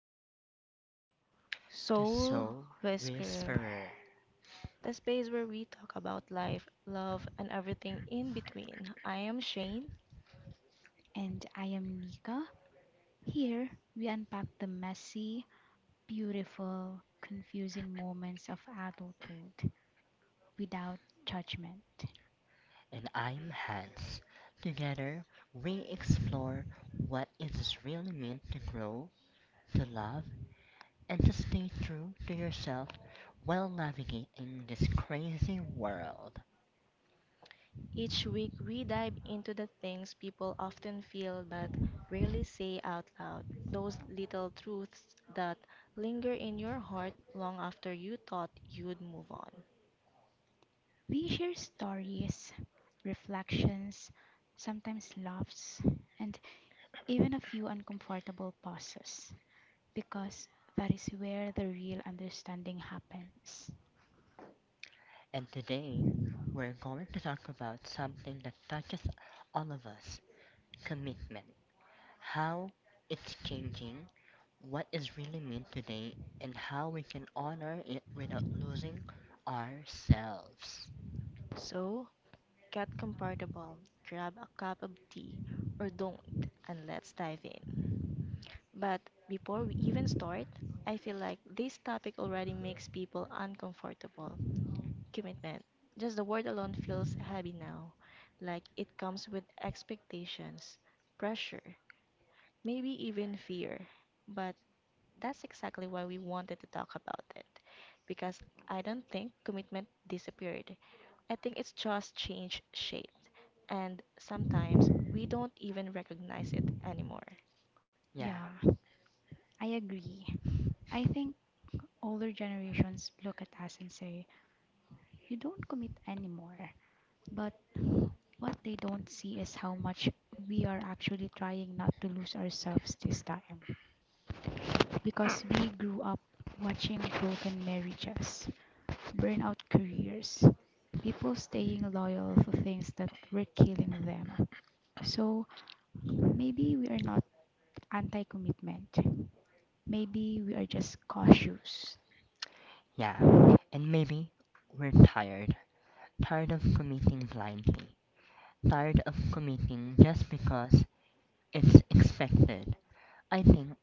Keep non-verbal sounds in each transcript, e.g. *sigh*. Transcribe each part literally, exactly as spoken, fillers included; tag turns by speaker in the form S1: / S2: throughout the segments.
S1: welcome back to
S2: The
S1: Soul
S3: So,
S2: Soul
S3: whisper.
S1: Whisperer,
S2: Whisperer,
S1: the space where we talk about life, love, and everything in between. I am Shane.
S3: And I am Nika. Here, we unpack the messy, beautiful, confusing moments of adulthood without judgment.
S2: and I'm Hans. Together, we explore what it is really meant to grow, to love, and to stay true to yourself while navigating this crazy world.
S1: Each week we dive into the things people often feel but rarely say out loud, those little truths that linger in your heart long after you thought you'd move on.
S3: We share stories, reflections, sometimes laughs, and even a few uncomfortable pauses because that is where the real understanding happens.
S2: And today, we're going to talk about something that touches all of us: commitment. How it's changing, what is really meant today, and how we can honor it without losing ourselves.
S1: So, get comfortable, grab a cup of tea, or don't, and let's dive in. But before we even start, I feel like this topic already makes people uncomfortable. Commitment. Just the word alone feels heavy now, like it comes with expectations, pressure, maybe even fear. But that's exactly why we wanted to talk about it, because I don't think commitment disappeared. I think it's just changed shape, and sometimes we don't even recognize it anymore.
S2: Yeah,
S3: Yeah, I agree. I think older generations look at us and say, "You don't commit anymore." But what they don't see is how much we are actually trying not to lose ourselves this time. Because we grew up watching broken marriages, burnout careers, people staying loyal for things that were killing them. So maybe we are not anti commitment. Maybe we are just cautious.
S2: yeah. And maybe we're tired. Tired of committing blindly. Tired of committing just because it's expected. I think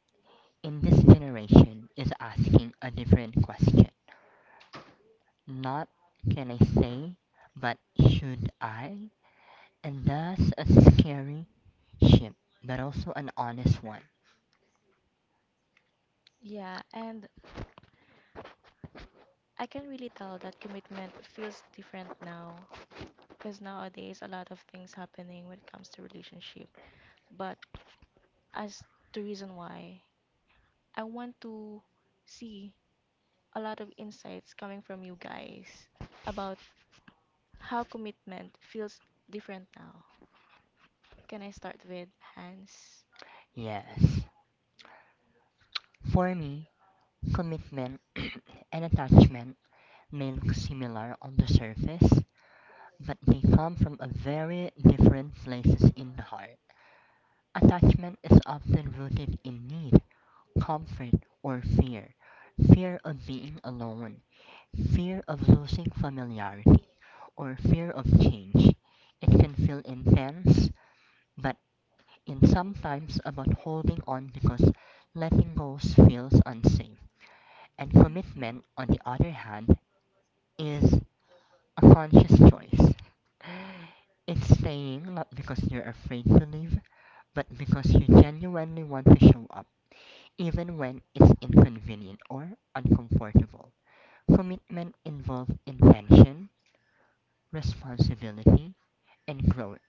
S2: in this generation is asking a different question. Not can I say, but should I? And that's a scary ship, but also an honest one.
S1: Yeah, and I can really tell that commitment feels different now because nowadays a lot of things happening when it comes to relationship. But as the reason why, I want to see a lot of insights coming from you guys about how commitment feels different now. Can I start with Hans?
S2: Yes. For me, commitment *clears throat* and attachment may look similar on the surface, but they come from a very different places in the heart. Attachment is often rooted in need, comfort, or fear. Fear of being alone, fear of losing familiarity, or fear of change. It can feel intense, but and sometimes about holding on because letting go feels unsafe. And commitment, on the other hand, is a conscious choice. It's staying not because you're afraid to leave, but because you genuinely want to show up, even when it's inconvenient or uncomfortable. Commitment involves intention, responsibility, and growth,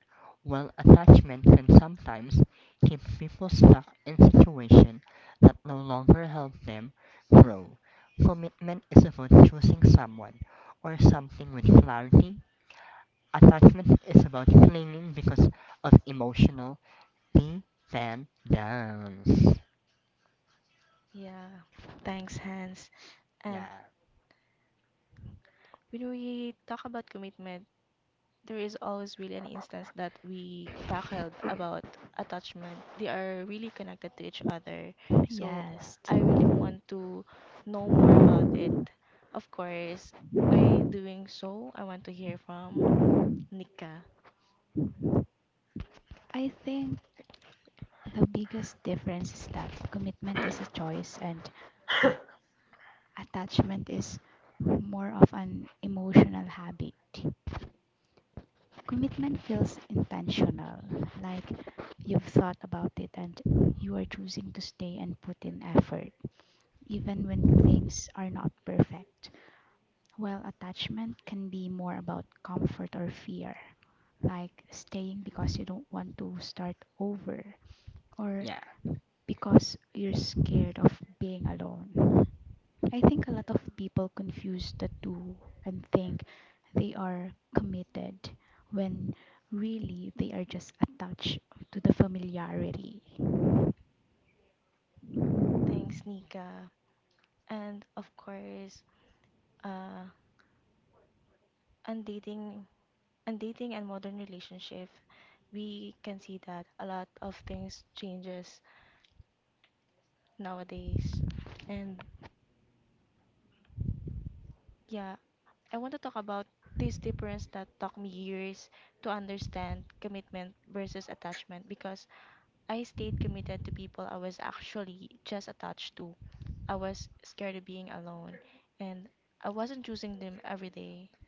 S2: while attachment can sometimes keep people stuck in situations that no longer help them grow. Commitment is about choosing someone or something with clarity. Attachment is about clinging because of emotional dependence.
S1: Yeah, thanks, Hans.
S2: Yeah,
S1: And when we talk about commitment, there is always really an instance that we tackled about attachment. They are really connected to each other.
S3: *laughs*
S1: So
S2: yeah,
S3: Yes.
S1: I really want to know more about it. Of course, by doing so, I want to hear from Nika.
S3: I think the biggest difference is that commitment is a choice and attachment is more of an emotional habit. Commitment feels intentional, like you've thought about it and you are choosing to stay and put in effort, even when things are not perfect. While attachment can be more about comfort or fear, like staying because you don't want to start over or
S2: yeah.
S3: because you're scared of being alone. I think a lot of people confuse the two and think they are committed when really they are just attached to the familiarity.
S1: Thanks, Nika. And of course, uh, on dating, on dating and modern relationship, we can see that a lot of things changes nowadays. And yeah, I want to talk about this difference that took me years to understand commitment versus attachment because I stayed committed to people I was actually just attached to. I was scared of being alone and I wasn't choosing them every day.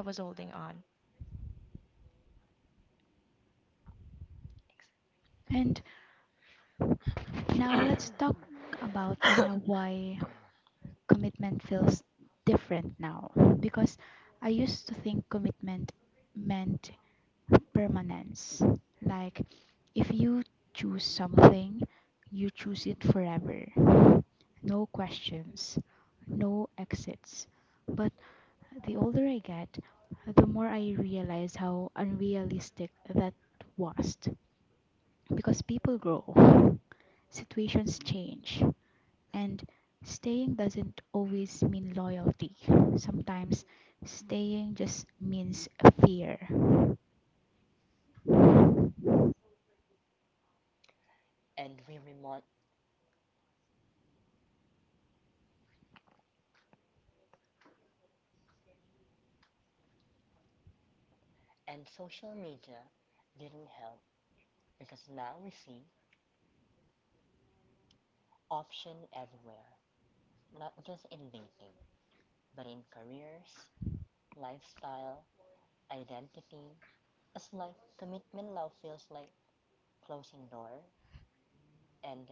S1: I was holding on.
S3: And now let's talk about on a why commitment feels different now, because I used to think commitment meant permanence. Like if you choose something, you choose it forever. No questions, no exits. But the older I get, the more I realize how unrealistic that was. Because people grow, situations change, and staying doesn't always mean loyalty. Sometimes staying just means fear.
S2: And we remote and social media didn't help because now we see option everywhere. Not just in dating, but in careers, lifestyle, identity. As like commitment love feels like closing door and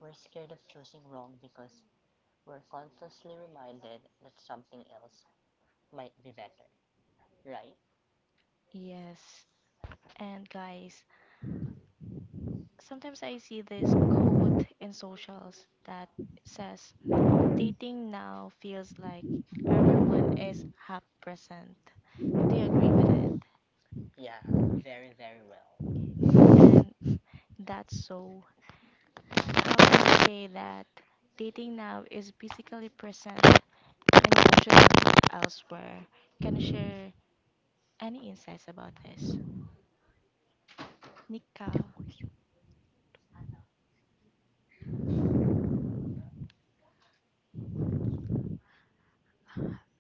S2: we're scared of choosing wrong because we're constantly reminded that something else might be better, right?
S1: Yes. And guys, sometimes I see this quote in socials that says dating now feels like everyone is half present. Do you agree with it?
S2: Yeah, very, very well.
S1: And that's so. How can you say that dating now is physically present and emotionally elsewhere? Can you share any insights about this? Nika,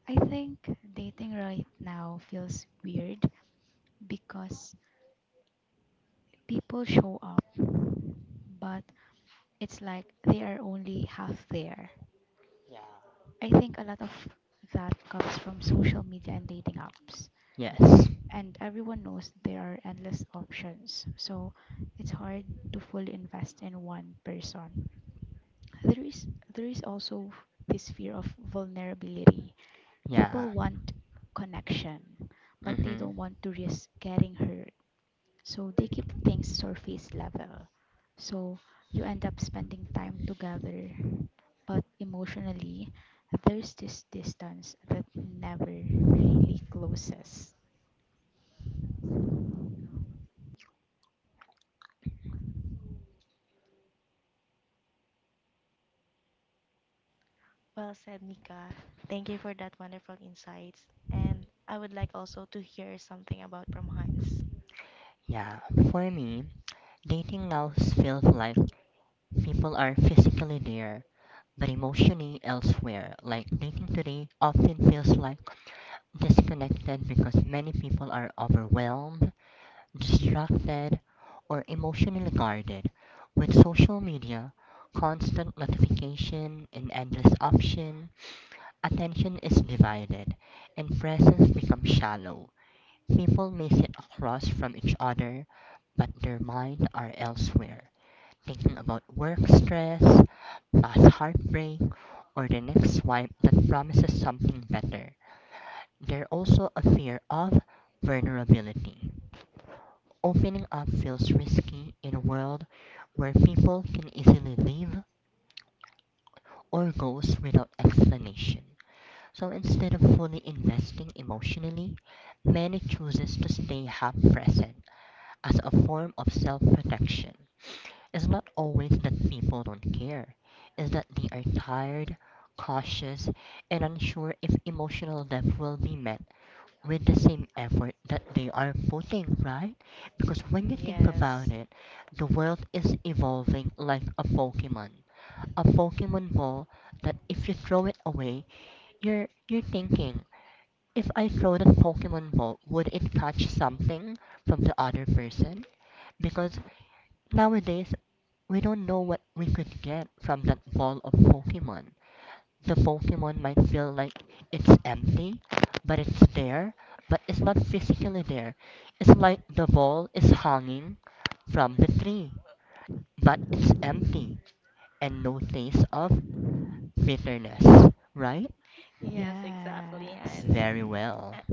S3: I think dating right now feels weird because people show up, but it's like they are only half there.
S2: Yeah.
S3: I think a lot of that comes from social media and dating apps,
S2: Yes.
S3: and everyone knows there are endless options, so it's hard to fully invest in one person. There is there is also this fear of vulnerability.
S2: Yeah.
S3: People want connection, but they
S2: Mhm.
S3: don't want to risk getting hurt, so they keep things surface level. So you end up spending time together, but emotionally, there's this distance that never really closes.
S1: well said, Nika. Thank you for that wonderful insights. And I would like also to hear something about from Hans.
S2: Yeah. For me, dating now feels like people are physically there, but emotionally elsewhere, like dating today often feels like disconnected because many people are overwhelmed, distracted, or emotionally guarded. With social media, constant notification, and endless option, attention is divided, and presence becomes shallow. People may sit across from each other, but their minds are elsewhere thinking about work stress, past heartbreak, or the next swipe that promises something better. There's also a fear of vulnerability. Opening up feels risky in a world where people can easily leave or goes without explanation. So instead of fully investing emotionally, many chooses to stay half present as a form of self-protection. It's not always that people don't care, it's that they are tired, cautious, and unsure if emotional depth will be met with the same effort that they are putting, right? Because when you think about
S1: Yes,
S2: it, the world is evolving like a Pokemon. A Pokemon ball that if you throw it away, you're you're thinking, if I throw that Pokemon ball, would it catch something from the other person? Because nowadays, we don't know what we could get from that vault of Pokemon. The Pokemon might feel like it's empty, but it's there, but it's not physically there. It's like the vault is hanging from the tree, but it's empty and no taste of bitterness, right?
S1: yes, exactly,
S3: Yes.
S1: Hans.
S2: Very well.
S1: Uh,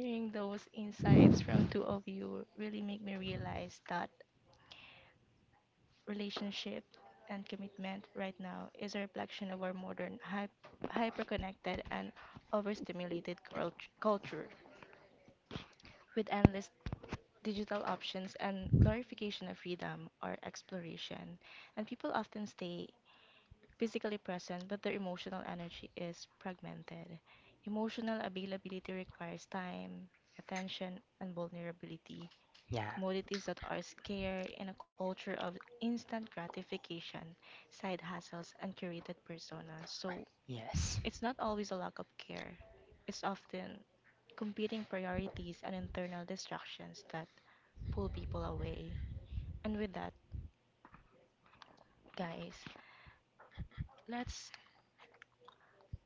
S1: Hearing those insights from two of you really make me realize that relationship, and commitment right now is a reflection of our modern, hy- hyper-connected, and overstimulated cult- culture. With endless digital options and glorification of freedom or exploration, and people often stay physically present, but their emotional energy is fragmented. Emotional availability requires time, attention, and vulnerability
S2: Yeah.
S1: commodities that are scarce, and a culture of instant gratification, side hustles, and curated personas. So
S2: Yes.
S1: it's not always a lack of care, it's often competing priorities and internal distractions that pull people away. And with that, guys, let's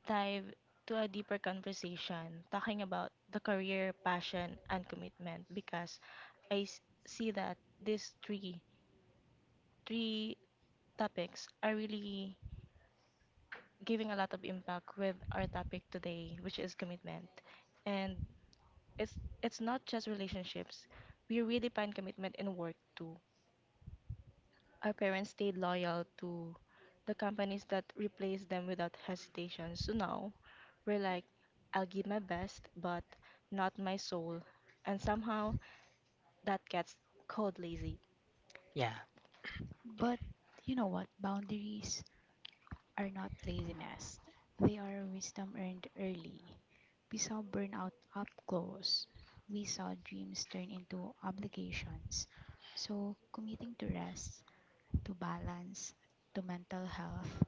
S1: dive to a deeper conversation talking about the career, passion, and commitment because I s- see that these three three topics are really giving a lot of impact with our topic today, which is commitment. And it's it's not just relationships. We redefine commitment in work too. Our parents stayed loyal to the companies that replaced them without hesitation. So now we're like, I'll give my best, but not my soul. And somehow that gets called lazy.
S2: Yeah.
S3: But you know what? Boundaries are not laziness, they are wisdom earned early. We saw burnout up close, we saw dreams turn into obligations. So, committing to rest, to balance, to mental health,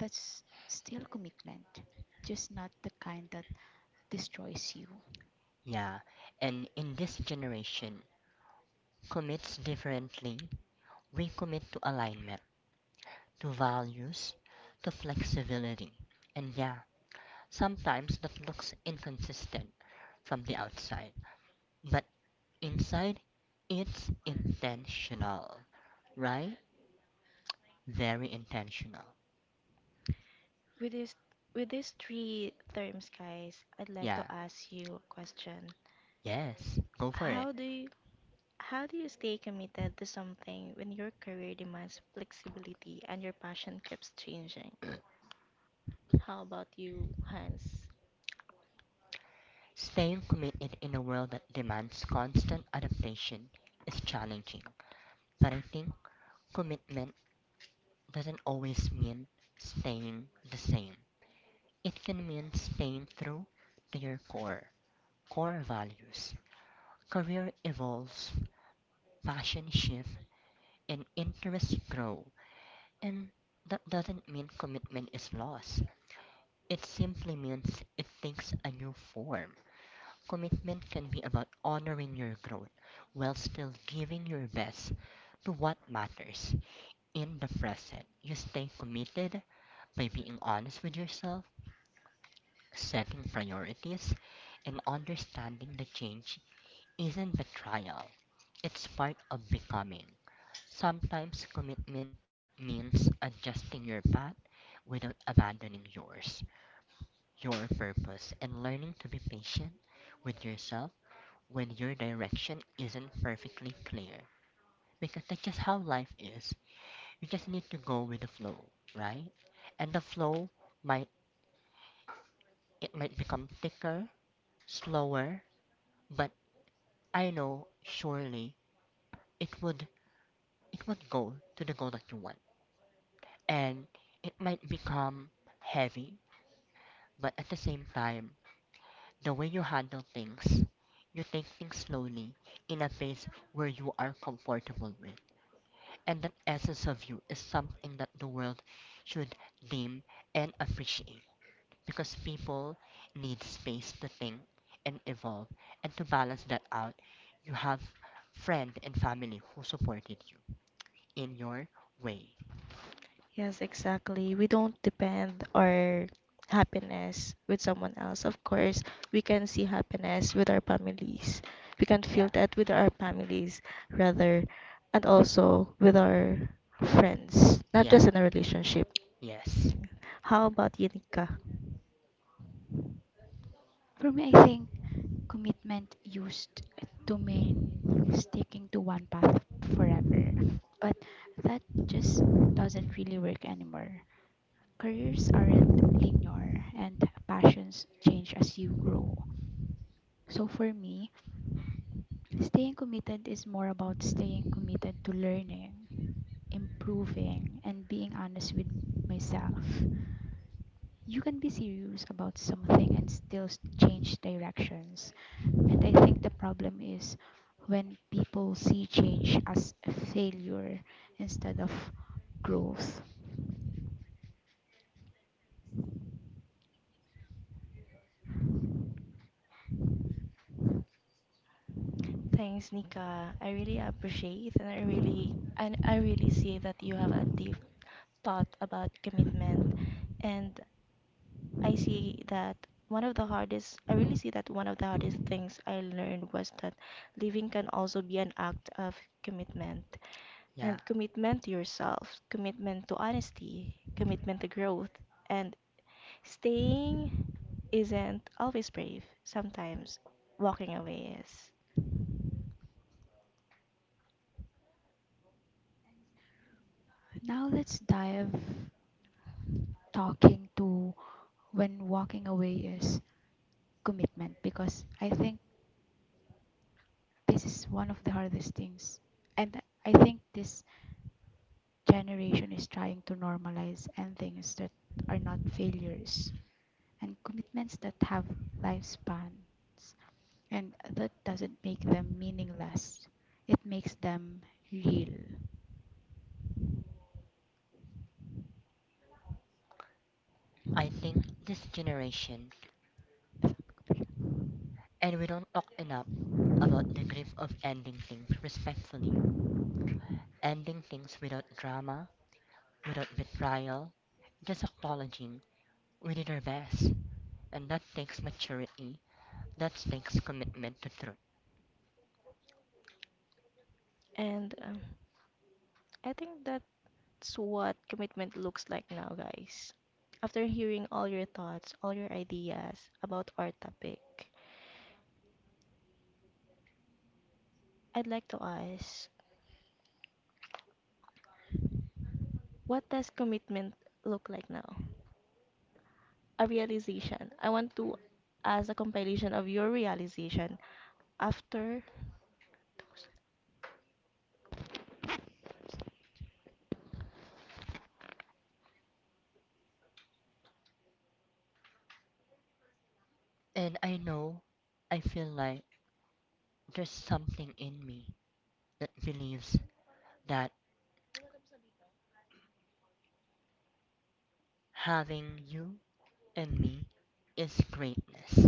S3: that's still commitment, just not the kind that destroys you.
S2: Yeah. And in this generation, commits differently. We commit to alignment, to values, to flexibility. And yeah, sometimes that looks inconsistent from the outside, but inside it's intentional, right? Very intentional.
S1: With this with these three terms, guys, I'd like to
S2: Yeah,
S1: ask you a question.
S2: yes, go for it.
S1: How do you, How do you stay committed to something when your career demands flexibility and your passion keeps changing? How about you, Hans?
S2: Staying committed in a world that demands constant adaptation is challenging, but I think commitment doesn't always mean staying the same. It can mean staying true to your core, core values, career evolves, passion shifts, and interests grow. And that doesn't mean commitment is lost. It simply means it takes a new form. Commitment can be about honoring your growth while still giving your best to what matters. In the present, you stay committed by being honest with yourself, setting priorities, and understanding the change isn't betrayal, it's part of becoming. Sometimes commitment means adjusting your path without abandoning yours, your purpose, and learning to be patient with yourself when your direction isn't perfectly clear. Because that's just how life is. You just need to go with the flow, right? And the flow might it might become thicker, slower, but I know surely it would it would go to the goal that you want. And it might become heavy, but at the same time, the way you handle things, you take things slowly in a phase where you are comfortable with. And that essence of you is something that the world should deem and appreciate because people need space to think and evolve. And to balance that out, you have friend and family who supported you in your way.
S1: Yes, exactly. We don't depend our happiness with someone else. Of course, we can see happiness with our families. We can feel
S2: Yeah,
S1: that with our families, rather, and also with our friends, not
S2: yeah,
S1: just in a relationship.
S2: yes,
S1: How about you, Nika?
S3: For me, I think commitment used to mean sticking to one path forever, but that just doesn't really work anymore. Careers aren't linear, and passions change as you grow. So for me, staying committed is more about staying committed to learning, improving and being honest with myself. You can be serious about something and still s- change directions. And I think the problem is when people see change as a failure instead of growth.
S1: Thanks, Nika. I really appreciate and I really and I really see that you have a deep thought about commitment. And I see that one of the hardest I really see that one of the hardest things I learned was that living can also be an act of commitment.
S2: yeah.
S1: And commitment to yourself, commitment to honesty, commitment to growth, and staying isn't always brave. Sometimes walking away is.
S3: Now let's dive talking to when walking away is commitment, because I think this is one of the hardest things. And I think this generation is trying to normalize and things that are not failures and commitments that have lifespans, and that doesn't make them meaningless, it makes them real.
S2: I think this generation, and we don't talk enough about the grief of ending things respectfully, ending things without drama, without betrayal, just acknowledging we did our best, and that takes maturity, that takes commitment to truth.
S1: And um, I think that that's what commitment looks like now, guys. After hearing all your thoughts, all your ideas about our topic, I'd like to ask what does commitment look like now? A realization. I want to ask a compilation of your realization after those
S2: And I know, I feel like there's something in me that believes that having you and me is greatness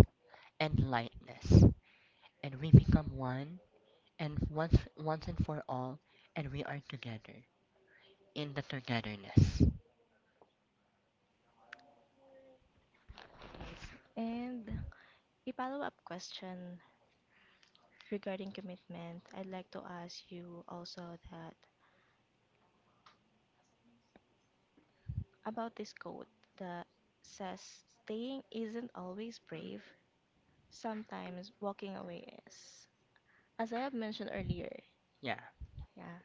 S2: and lightness, and we become one and once once and for all and we are together in the togetherness.
S1: thoughts. And a follow up question regarding commitment. I'd like to ask you also that about this quote that says staying isn't always brave, sometimes walking away is. As I have mentioned earlier,
S2: Yeah,
S1: yeah.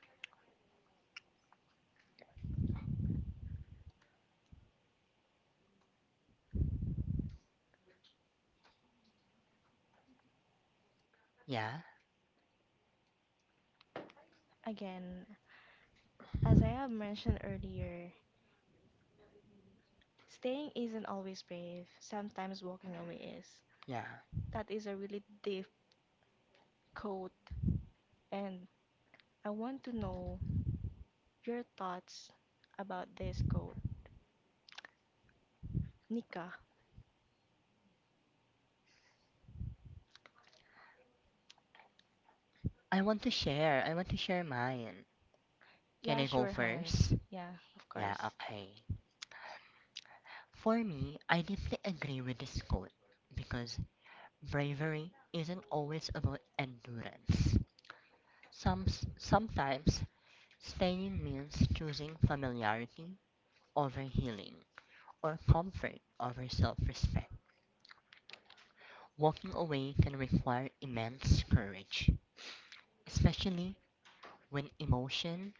S2: yeah,
S1: Again, as I have mentioned earlier, staying isn't always brave. Sometimes walking away is.
S2: yeah.
S1: That is a really deep quote, and I want to know your thoughts about this quote. Nika.
S2: I want to share i want to share mine. Can
S1: Yeah,
S2: I go
S1: sure, Hans.
S2: first?
S1: Yeah, of
S2: Yeah,
S1: course.
S2: okay. For me, I deeply agree with this quote because bravery isn't always about endurance. Some sometimes staying means choosing familiarity over healing or comfort over self-respect. Walking away can require immense courage, especially when emotion,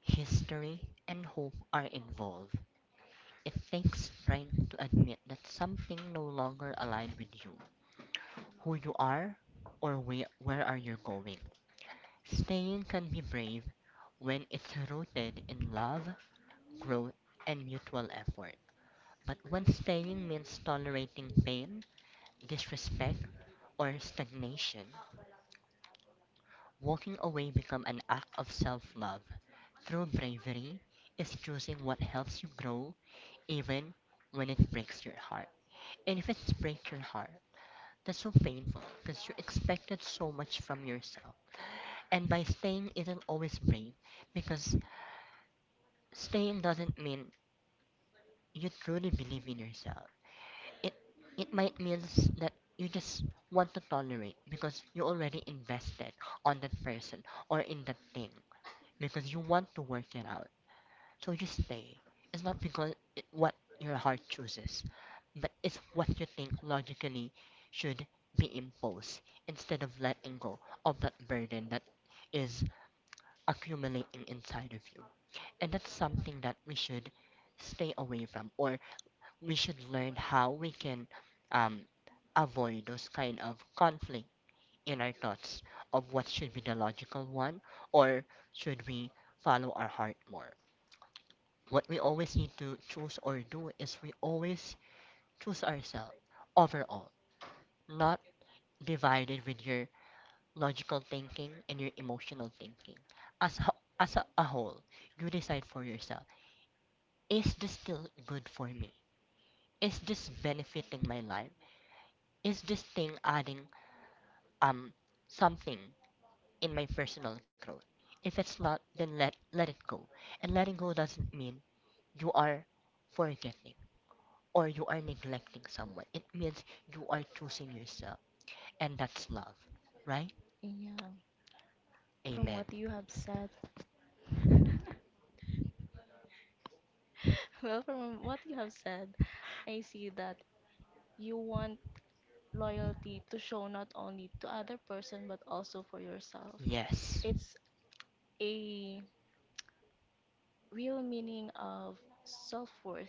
S2: history, and hope are involved. It takes strength to admit that something no longer aligns with you, who you are, or where, where are you going. Staying can be brave when it's rooted in love, growth, and mutual effort. But when staying means tolerating pain, disrespect, or stagnation, walking away become an act of self-love. True bravery is choosing what helps you grow even when it breaks your heart. And if it breaks your heart, that's so painful because you expected so much from yourself. And by staying isn't always brave because staying doesn't mean you truly believe in yourself. It it might mean that you just want to tolerate because you already invested on that person or in that thing because you want to work it out. So you stay. It's not because it, what your heart chooses, but it's what you think logically should be imposed instead of letting go of that burden that is accumulating inside of you. And that's something that we should stay away from, or we should learn how we can um, avoid those kind of conflict in our thoughts of what should be the logical one, or should we follow our heart more. What we always need to choose or do is we always choose ourselves overall, not divided with your logical thinking and your emotional thinking. As ho- as a, a whole, you decide for yourself: is this still good for me? Is this benefiting my life? Is this thing adding um something in my personal growth? If it's not, then let let it go. And letting go doesn't mean you are forgetting, or you are neglecting someone. It means you are choosing yourself, and that's love, right?
S1: Yeah. From what
S2: Amen.
S1: you have said, *laughs* well, from what you have said, I see that you want loyalty to show not only to other person but also for yourself.
S2: Yes.
S1: It's a real meaning of self-worth,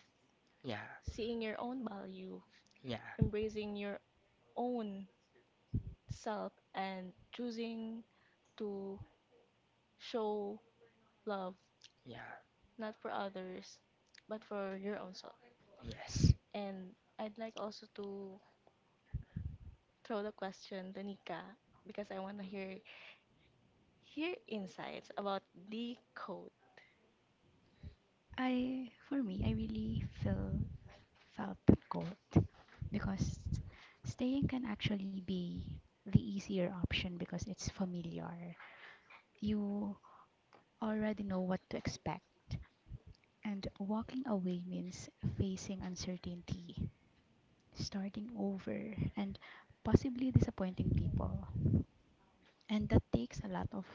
S2: Yeah.
S1: seeing your own value,
S2: Yeah.
S1: embracing your own self and choosing to show love
S2: Yeah.
S1: not for others but for your own self.
S2: Yes.
S1: And I'd like also to throw the question to Nika because I want to hear hear insights about the code.
S3: I, for me, I really feel felt that guilt because staying can actually be the easier option because it's familiar. You already know what to expect, and walking away means facing uncertainty, starting over, and possibly disappointing people. And that takes a lot of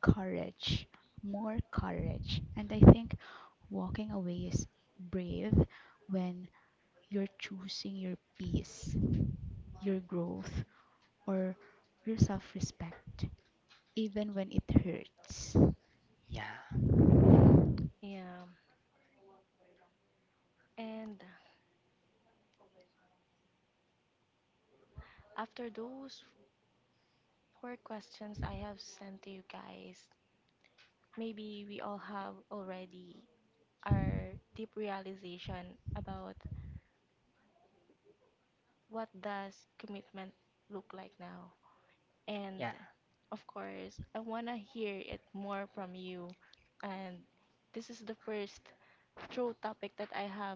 S3: courage, more courage. And I think walking away is brave when you're choosing your peace, your growth, or your self respect, even when it hurts.
S2: Yeah.
S1: Yeah. And after those four questions I have sent to you guys, maybe we all have already our deep realization about what does commitment look like now. And
S2: Yeah.
S1: of course, I want to hear it more from you. And this is the first true topic that I have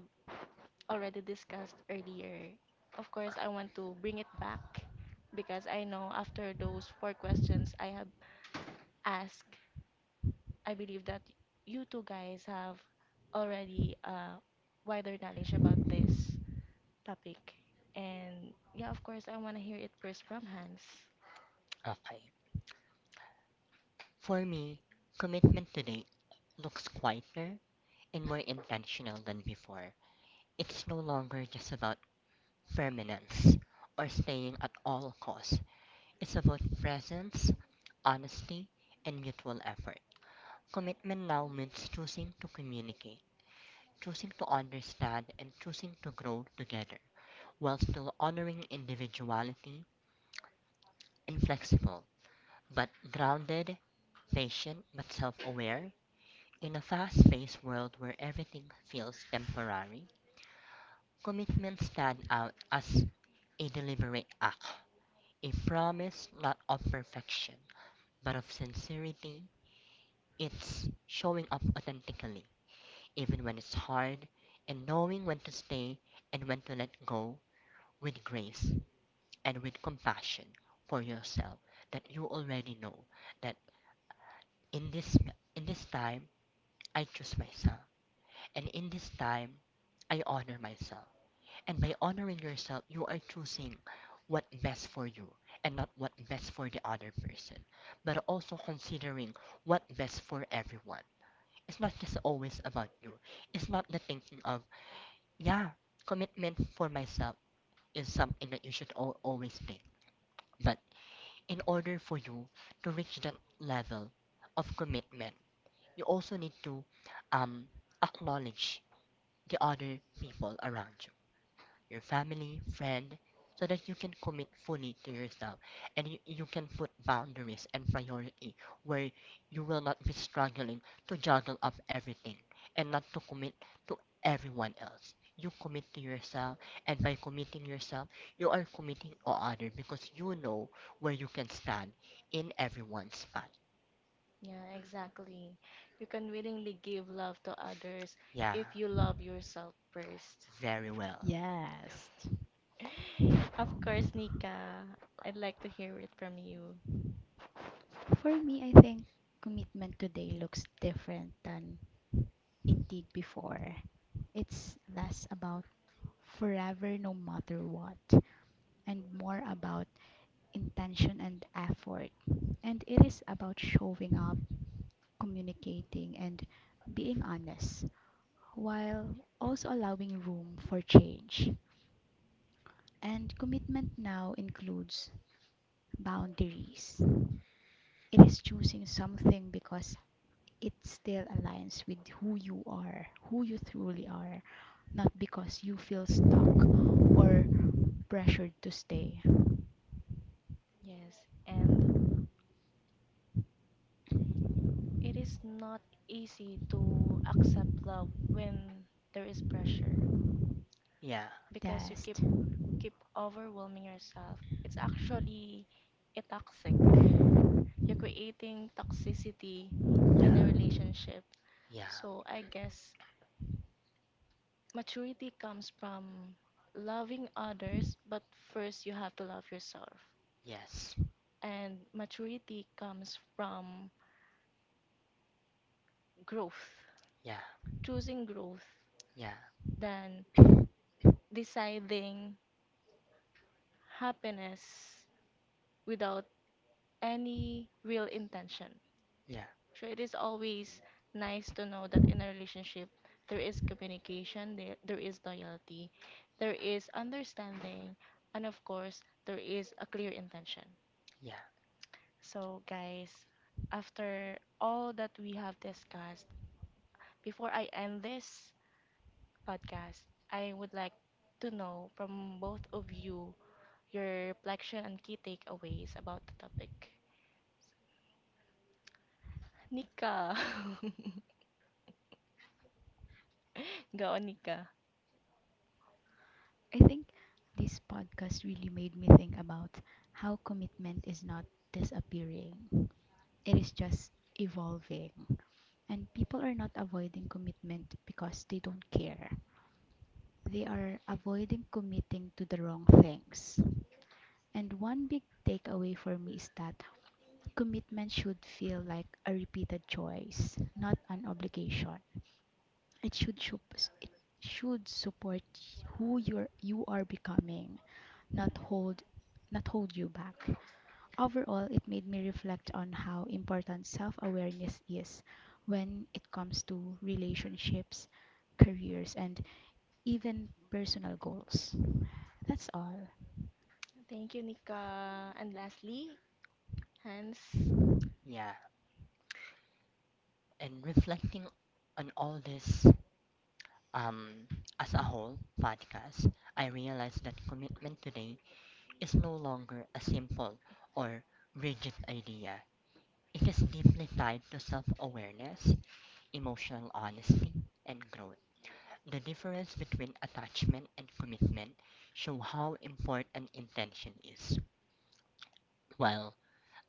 S1: already discussed earlier. Of course, I want to bring it back because I know after those four questions I have asked I believe that you two guys have already uh, wider knowledge about this topic. And yeah, of course, I want to hear it first from Hans.
S2: Okay. For me, commitment today looks quieter and more intentional than before. It's no longer just about permanence or staying at all costs. It's about presence, honesty, and mutual effort. Commitment now means choosing to communicate, choosing to understand and choosing to grow together while still honoring individuality and flexible, but grounded, patient, but self aware. In a fast paced world where everything feels temporary, commitments stand out as a deliberate act, a promise not of perfection, but of sincerity. It's showing up authentically, even when it's hard, and knowing when to stay and when to let go with grace, and with compassion for yourself, that you already know that in this in this time I choose myself, and in this time I honor myself, and by honoring yourself you are choosing what best for you and not what best for the other person, but also considering what best for everyone. It's not just always about you. It's not the thinking of, yeah, commitment for myself is something that you should always think. But in order for you to reach that level of commitment, you also need to um, acknowledge the other people around you, your family, friend, so that you can commit fully to yourself and you, you can put boundaries and priority where you will not be struggling to juggle up everything and not to commit to everyone else. You commit to yourself, and by committing yourself, you are committing to others because you know where you can stand in everyone's mind.
S1: Yeah, exactly. You can willingly give love to others
S2: Yeah,
S1: if you love yourself first.
S2: very well.
S3: Yes.
S1: *laughs* Of course, Nika, I'd like to hear it from you.
S3: For me, I think commitment today looks different than it did before. It's less about forever no matter what, and more about intention and effort. And it is about showing up, communicating, and being honest, while also allowing room for change. And commitment now includes boundaries. It is choosing something because it still aligns with who you are, who you truly are, not because you feel stuck or pressured to stay.
S1: Yes, and it is not easy to accept love when there is pressure
S2: Yeah,
S1: because you keep
S3: Last,
S1: keep overwhelming yourself, it's actually a toxic. You're creating toxicity in
S2: yeah,
S1: a relationship.
S2: yeah,
S1: So I guess maturity comes from loving others, but first you have to love yourself.
S2: yes,
S1: And maturity comes from growth,
S2: yeah,
S1: choosing growth
S2: yeah,
S1: than
S2: *coughs*
S1: deciding happiness without any real intention.
S2: yeah,
S1: Sure, it is always nice to know that in a relationship, there is communication, there, there is loyalty, there is understanding, and of course, there is a clear intention.
S2: yeah,
S1: So, guys, after all that we have discussed, before I end this podcast, I would like to know from both of you your reflection and key takeaways about the topic. Nika. *laughs* Go, Nika.
S3: I think this podcast really made me think about how commitment is not disappearing, it is just evolving. And people are not avoiding commitment because they don't care. They are avoiding committing to the wrong things. And one big takeaway for me is that commitment should feel like a repeated choice, not an obligation. It should sup- it should support who you're you are becoming, not hold not hold you back. Overall, it made me reflect on how important self-awareness is when it comes to relationships, careers, and even personal goals. That's all.
S1: Thank you, Nika. And lastly, Hans,
S2: yeah. In reflecting on all this um, as a whole podcast, I realized that commitment today is no longer a simple or rigid idea. It is deeply tied to self awareness, emotional honesty, and growth. The difference between attachment and commitment show how important intention is, while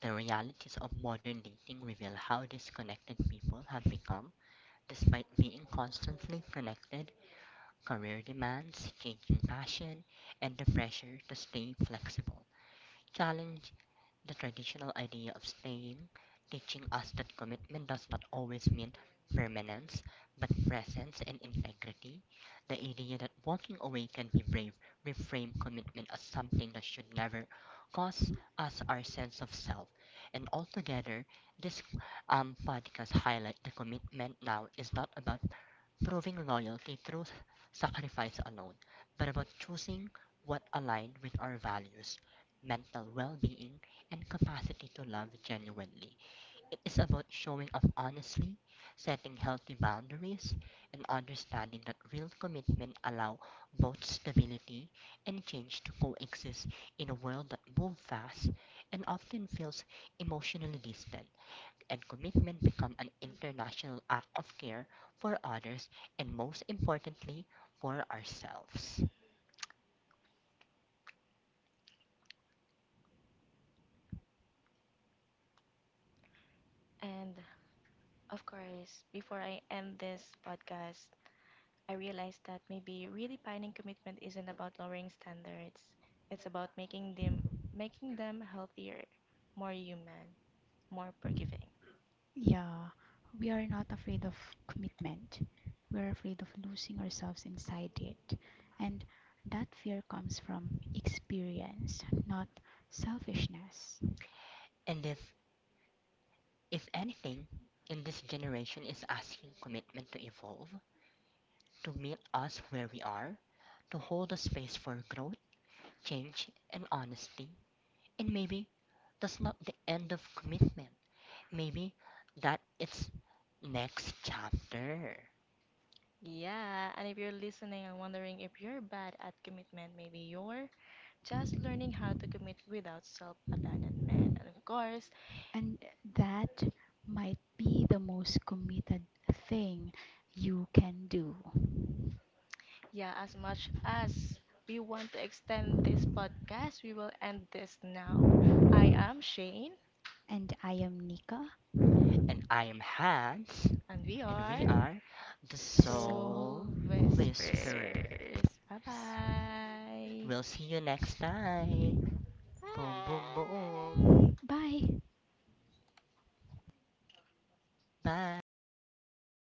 S2: the realities of modern dating reveal how disconnected people have become despite being constantly connected. Career demands, changing passion, and the pressure to stay flexible challenge the traditional idea of staying, teaching us that commitment does not always mean permanence, but presence and integrity. The idea that walking away can be brave, reframe commitment as something that should never cost us our sense of self. And altogether, this um, podcast highlight the commitment now is not about proving loyalty through sacrifice alone, but about choosing what aligns with our values, mental well being, and capacity to love genuinely. It is about showing up honestly, setting healthy boundaries, and understanding that real commitment allow both stability and change to coexist in a world that moves fast and often feels emotionally distant, and commitment become an international act of care for others and most importantly for ourselves.
S1: and of course, before I end this podcast, I realized that maybe redefining commitment isn't about lowering standards. It's about making them making them healthier, more human, more forgiving.
S3: Yeah, we are not afraid of commitment. We are afraid of losing ourselves inside it. And that fear comes from experience, not selfishness.
S2: And if if anything in this generation is asking commitment to evolve, to meet us where we are, to hold a space for growth, change and honesty, and maybe that's not the end of commitment. Maybe that it's next chapter.
S1: Yeah, and if you're listening and wondering if you're bad at commitment, maybe you're just learning how to commit without self abandonment. And of course,
S3: And that might be the most committed thing you can do.
S1: yeah, as much as we want to extend this podcast, we will end this now. I am Shane,
S3: And I am Nika.
S2: And I am Hans,
S1: and we
S2: and
S1: are
S2: we are the
S3: So,
S1: Soul
S2: Soul
S3: please,
S1: Whispers.
S2: Whisperer.
S1: Bye bye.
S2: We'll see you next time. Boom, boom, boom.
S3: bye.
S2: Bye. *laughs*